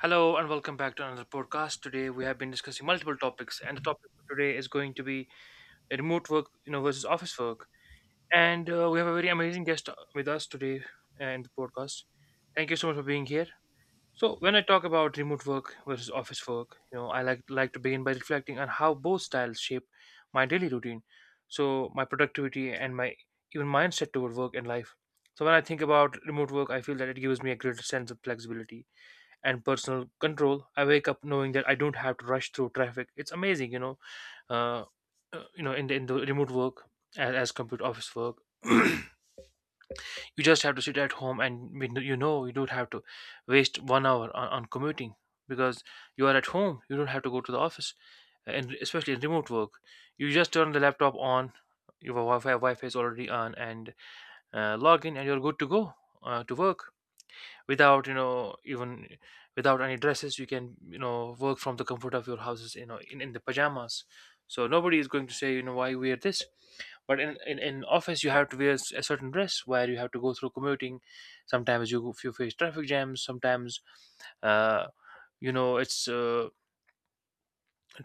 Hello and welcome back to another podcast. Today we have been discussing multiple topics, and the topic for today is going to be remote work, you know, versus office work. And we have a very amazing guest with us today in the podcast. Thank you so much for being here. So, when I talk about remote work versus office work, you know, I like to begin by reflecting on how both styles shape my daily routine, so my productivity and my even mindset toward work and life. So, when I think about remote work, I feel that it gives me a greater sense of flexibility and personal control. I wake up knowing that I don't have to rush through traffic. It's amazing, you know. uh, you know in the remote work as compared to office work, you just have to sit at home, and you know, you don't have to waste 1 hour on, commuting, because you are at home, you don't have to go to the office. And especially in remote work, you just turn the laptop on, your wi-fi is already on, and log in and you're good to go to work, without you know even without any dresses. You can, you know, work from the comfort of your houses, you know, in the pajamas. So nobody is going to say, you know, why wear this. But in office you have to a certain dress, where you have to go through commuting. Sometimes you, if you face traffic jams, sometimes uh you know it's uh,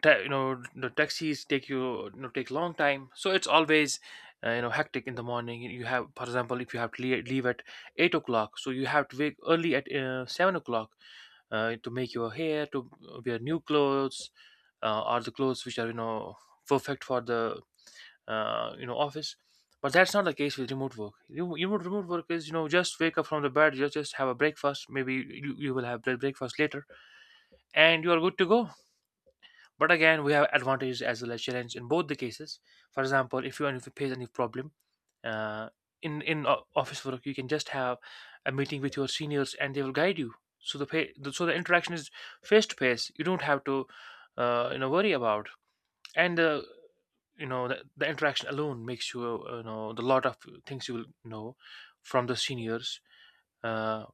ta- you know, the taxis take you, you know, take long time. So it's always you know hectic in the morning. You have, for example, if you have to leave at 8 o'clock, so you have to wake early at 7 o'clock to make your hair, to wear new clothes, or the clothes which are, you know, perfect for the you know office. But that's not the case with remote work. Remote work is, you know, just wake up from the bed, you just have a breakfast, maybe you will have breakfast later, and you are good to go. But again, we have advantages as well as challenge in both the cases. For example, if you face any problem uh, office work, you can just have a meeting with your seniors and they will guide you. So the, pay, the so the interaction is face to face. You don't have to you know worry about, and you know the interaction alone makes you, you know, the lot of things you will know from the seniors. Uh,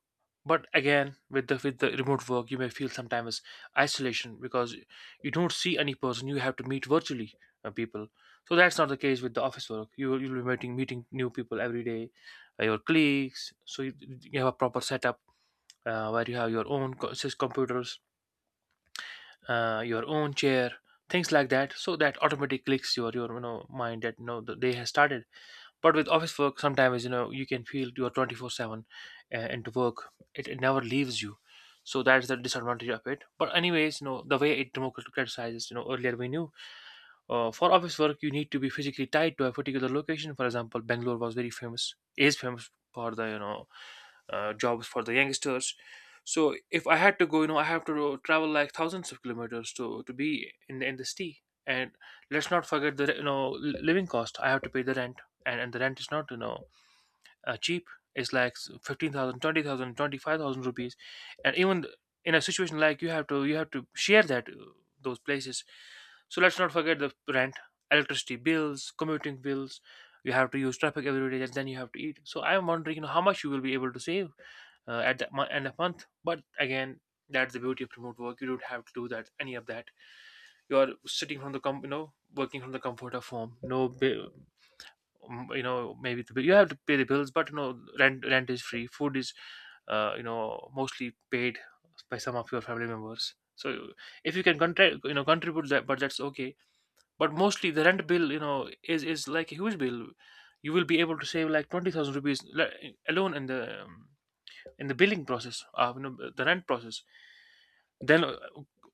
but again, with the remote work you may feel sometimes isolation, because you don't see any person, you have to meet virtually people. So that's not the case with the office work. You'll be meeting new people every day, your colleagues. So you have a proper setup where you have your own computers, your own chair, things like that, so that automatically clicks your you know mind that no, the day has started. But with office work, sometimes you know, you can feel you are 24/7 into work. It never leaves you, so that is the disadvantage of it. But anyways, you know, the way it democratizes. You know, earlier we knew for office work you need to be physically tied to a particular location. For example, Bangalore was very famous, is famous for the, you know, jobs for the youngsters. So if I had to go, you know, I have to travel like thousands of kilometers to be in the city, and let's not forget the, you know, living cost. I have to pay the rent, and the rent is not, you know, cheap. It's like 15,000, 20,000, 25,000 rupees, and even in a situation like you have to, share that those places. So let's not forget the rent, electricity bills, commuting bills, you have to use traffic every day, and then you have to eat. So I'm wondering, you know, how much you will be able to save at the end of month. But again, that's the beauty of remote work. You don't have to do that, any of that. You are sitting from the you know, working from the comfort of home. No, bi- You know, maybe the bill, you have to pay the bills, but you know, rent is free. Food is you know mostly paid by some of your family members. So if you can you know contribute that, but that's okay. But mostly the rent bill, you know, is like a huge bill. You will be able to save like 20,000 rupees alone in the billing process, you know, the rent process. Then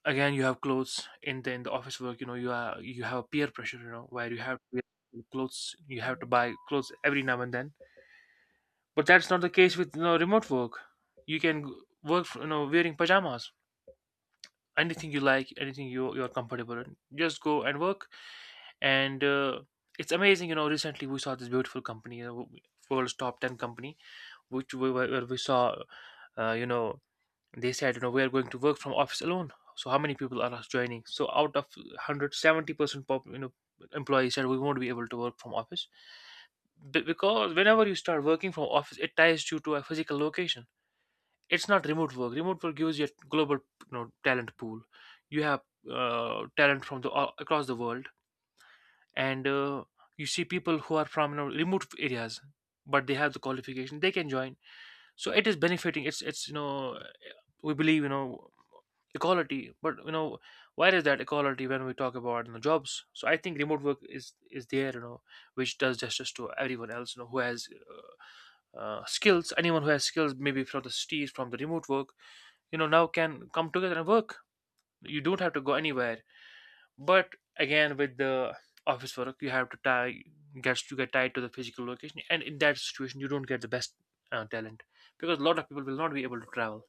again, you have clothes in the office work. You know, you are, you have a peer pressure, you know, where you have to wear clothes, you have to buy clothes every now and then. But that's not the case with, you know, remote work. You can g- work, you know, wearing pajamas. Anything you like, anything you're comfortable in, just go and work. And it's amazing, you know. Recently, we saw this beautiful company, you know, world's top 10 company, where we saw uh, you know they said, you know, we are going to work from office alone. So how many people are us joining? So out of 170 percent, you know, employees said we won't be able to work from office. Because whenever you start working from office, it ties you to a physical location. It's not remote work. Remote work gives you a global, you know, talent pool. You have talent from the all across the world, and you see people who are from, you know, remote areas, but they have the qualification. They can join. So it is benefiting. It's you know, we believe, you know, equality, but you know, where is that equality when we talk about, you know, jobs. So I think remote work is there, you know, which does justice to everyone else, you know, who has uh, skills. Anyone who has skills, maybe from the cities, from the remote work, you know, now can come together and work. You don't have to go anywhere. But again, with the office work, you have to tie, gets you get tied to the physical location, and in that situation you don't get the best talent, because a lot of people will not be able to travel.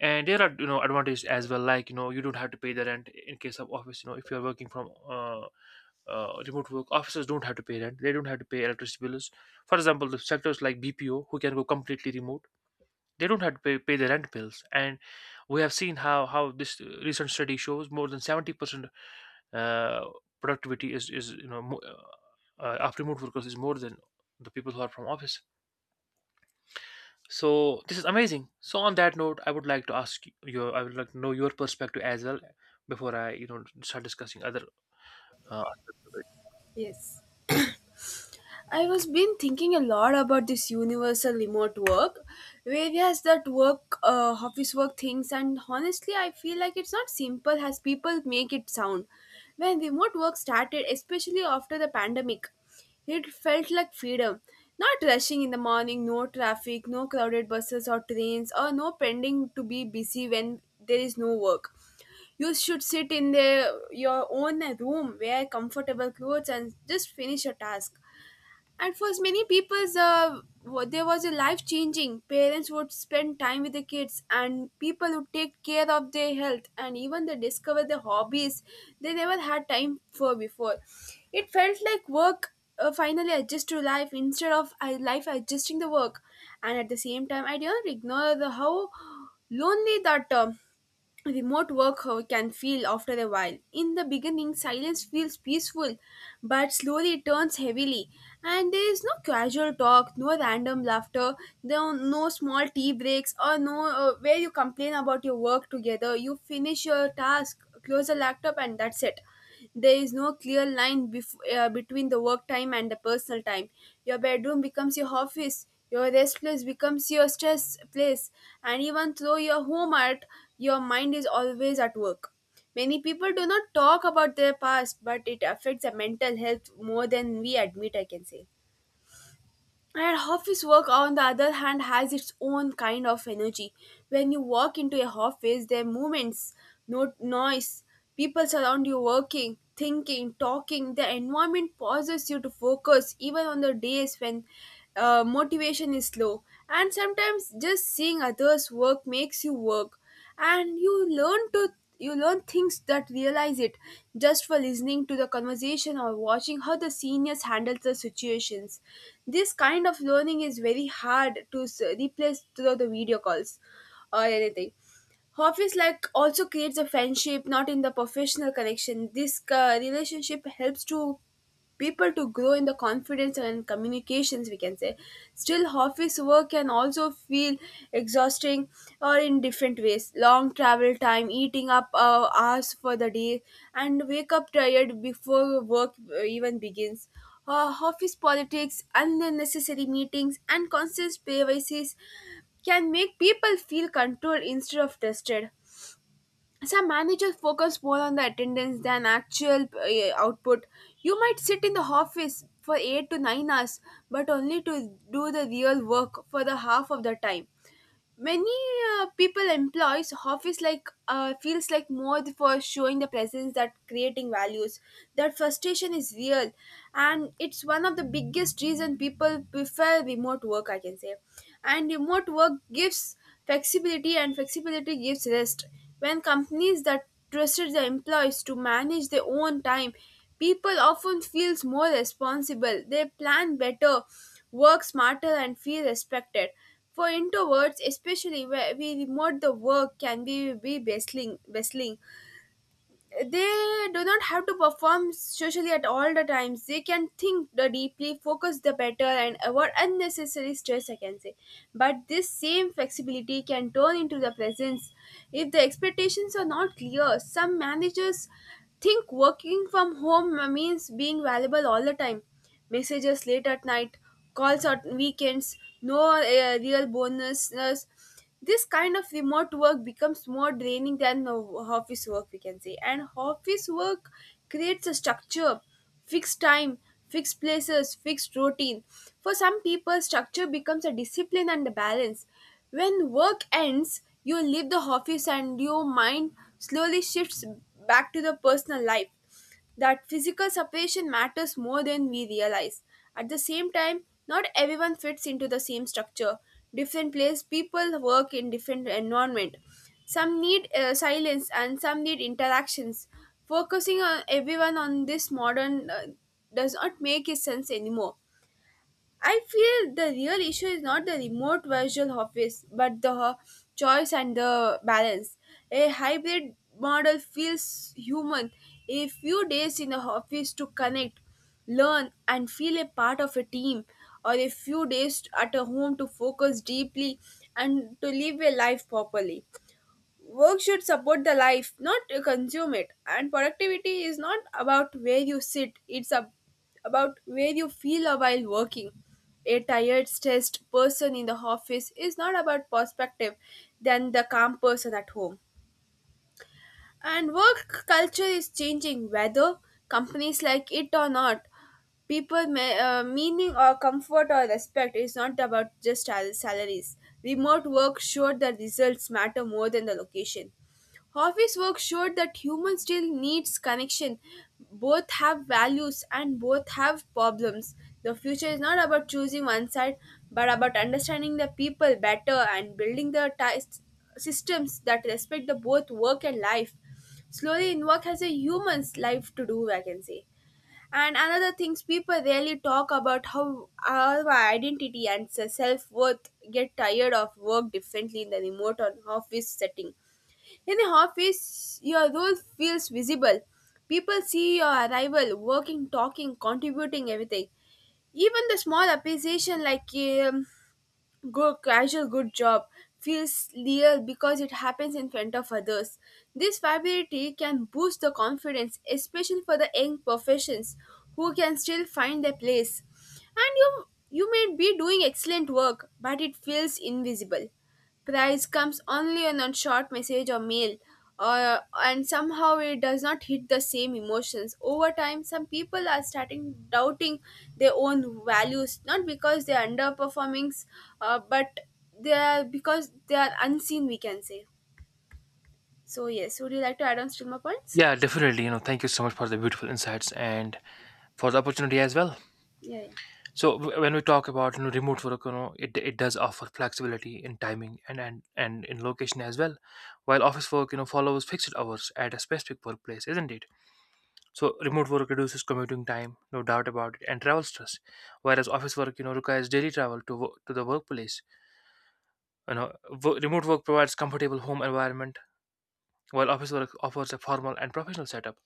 And there are, you know, advantages as well, like you know, you don't have to pay the rent in case of office. You know, if you're working from remote work, offices don't have to pay rent, they don't have to pay electricity bills. For example, the sectors like BPO, who can go completely remote, they don't have to pay the rent bills. And we have seen how this recent study shows more than 70% uh, productivity is, you know, of remote workers is more than the people who are from office. So this is amazing. So on that note, I would like to I would like to know your perspective as well before I, you know, start discussing other aspects of it. Yes. I was been thinking a lot about this universal remote work, various that work, office work things, and honestly, I feel like it's not simple as people make it sound. When remote work started, especially after the pandemic, it felt like freedom. Not rushing in the morning, no traffic, no crowded buses or trains, or no pending to be busy when there is no work. You should sit in the your own room, wear comfortable clothes, and just finish your task. And for many people's, there was a life changing. Parents would spend time with the kids, and people would take care of their health, and even they discover the hobbies they never had time for before. It felt like work, finally adjust to life instead of life adjusting the work. And at the same time, I didn't ignore the how lonely that term. Remote work can feel after a while. In the beginning, silence feels peaceful, but slowly it turns heavily. And there is no casual talk, no random laughter, there are no small tea breaks, or no where you complain about your work together. You finish your task, close the laptop, and that's it. There is no clear line between the work time and the personal time. Your bedroom becomes your office, your rest place becomes your stress place, and even though your home art, your mind is always at work. Many people do not talk about their past, but it affects their mental health more than we admit, I can say. And office work, on the other hand, has its own kind of energy. When you walk into a office, there are movements, no noise, people surround you working, thinking, talking. The environment pauses you to focus, even on the days when motivation is low. And sometimes just seeing others work makes you work, and you learn things that realize it just for listening to the conversation or watching how the seniors handle the situations. This kind of learning is very hard to replace through the video calls or anything. Hobbies like also creates a friendship, not in the professional connection. This relationship helps to people to grow in the confidence and communications, we can say. Still, office work can also feel exhausting, or in different ways. Long travel time eating up hours for the day, and wake up tired before work even begins. Office politics, unnecessary meetings, and constant privacies can make people feel controlled instead of tested. Some managers focus more on the attendance than actual output. You might sit in the office for 8 to 9 hours, but only to do the real work for the half of the time. Many people employs office like feels like more for showing the presence that creating values. That frustration is real, and it's one of the biggest reason people prefer remote work, I can say. And remote work gives flexibility, and flexibility gives rest. When companies that trusted the employees to manage their own time, people often feel more responsible. They plan better, work smarter, and feel respected. For introverts, especially where we remote the work can be bustling, they do not have to perform socially at all the times. They can think the deeply focus the better and avoid unnecessary stress, I can say. But this same flexibility can turn into the presence if the expectations are not clear. Some managers think working from home means being valuable all the time. Messages late at night, calls on weekends, no real bonuses. This kind of remote work becomes more draining than office work, we can say. And office work creates a structure, fixed time, fixed places, fixed routine. For some people, structure becomes a discipline and a balance. When work ends, you leave the office and your mind slowly shifts back to the personal life. That physical separation matters more than we realize. At the same time, not everyone fits into the same structure. Different place people work in different environment. Some need silence and some need interactions. Focusing on everyone on this modern does not make sense anymore. I feel the real issue is not the remote virtual office, but the choice and the balance. A hybrid model feels human. A few days in the office to connect, learn, and feel a part of a team, or a few days at a home to focus deeply and to live a life properly. Work should support the life, not consume it. And productivity is not about where you sit, it's about where you feel while working. A tired, stressed person in the office is not about perspective than the calm person at home. And work culture is changing, whether companies like it or not. People, meaning or comfort or respect is not about just salaries. Remote work showed the results matter more than the location. Office work showed that humans still needs connection. Both have values and both have problems. The future is not about choosing one side, but about understanding the people better and building the ties systems that respect the both work and life. Slowly, in work has a human's life to do, I can say. And another things people rarely talk about how our identity and self worth get tired of work differently in the remote or office setting. In the office, your role feels visible. People see your arrival, working, talking, contributing, everything. Even the small appreciation like good, casual, good job feels real because it happens in front of others. This viability can boost the confidence, especially for the young professions who can still find their place. And you may be doing excellent work, but it feels invisible. Price comes only on a short message or mail, and somehow it does not hit the same emotions. Over time some people are starting doubting their own values, not because they are underperforming, but they are because they are unseen, we can say. So yes, would you like to add on still more points? Yeah, definitely. You know, thank you so much for the beautiful insights and for the opportunity as well. Yeah, yeah. So when we talk about, you know, remote work, you know, it does offer flexibility in timing and in location as well, while office work, you know, follows fixed hours at a specific workplace, isn't it? So remote work reduces commuting time, no doubt about it, and travel stress. Whereas office work, you know, requires daily travel to to the workplace. You know, remote work provides comfortable home environment, while office work offers a formal and professional setup.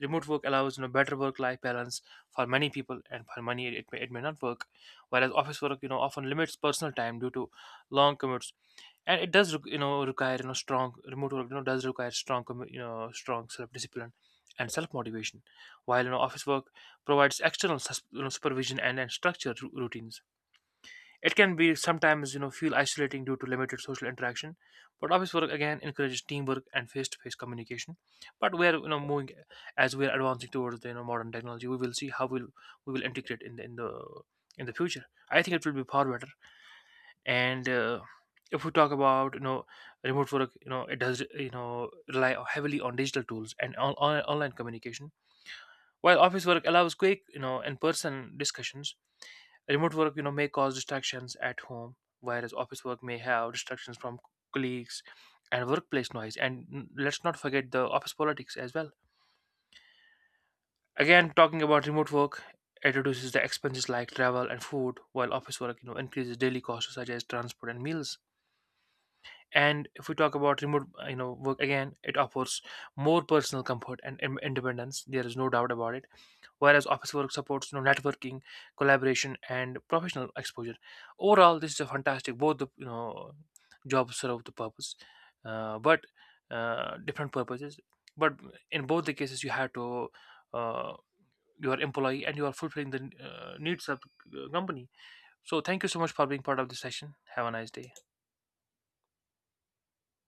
Remote work allows, you know, better work-life balance for many people, and for many it may, not work. Whereas office work, you know, often limits personal time due to long commutes. And it does you know require, you know, strong, remote work, you know, does require strong you know strong self discipline and self motivation, while, you know, office work provides external you know, supervision, and, structured routines. It can be sometimes, you know, feel isolating due to limited social interaction. But office work again encourages teamwork and face to face communication. But we are, you know, moving, as we are advancing towards the, you know, modern technology, we will see how we will integrate in the in the future. I think it will be far better. And if we talk about, you know, remote work, you know, it does, you know, rely heavily on digital tools and online communication, while office work allows quick, you know, in-person discussions. Remote work, you know, may cause distractions at home, whereas office work may have distractions from colleagues and workplace noise, and let's not forget the office politics as well. Again, talking about remote work, it reduces the expenses like travel and food, while office work, you know, increases daily costs such as transport and meals. And if we talk about remote, you know, work again, it offers more personal comfort and independence, there is no doubt about it. Whereas office work supports, you know, networking, collaboration, and professional exposure. Overall, this is a fantastic, both the, you know, jobs serve the purpose, but different purposes. But in both the cases you have to uh, you are employee and you are fulfilling the needs of the company. So thank you so much for being part of this session, have a nice day.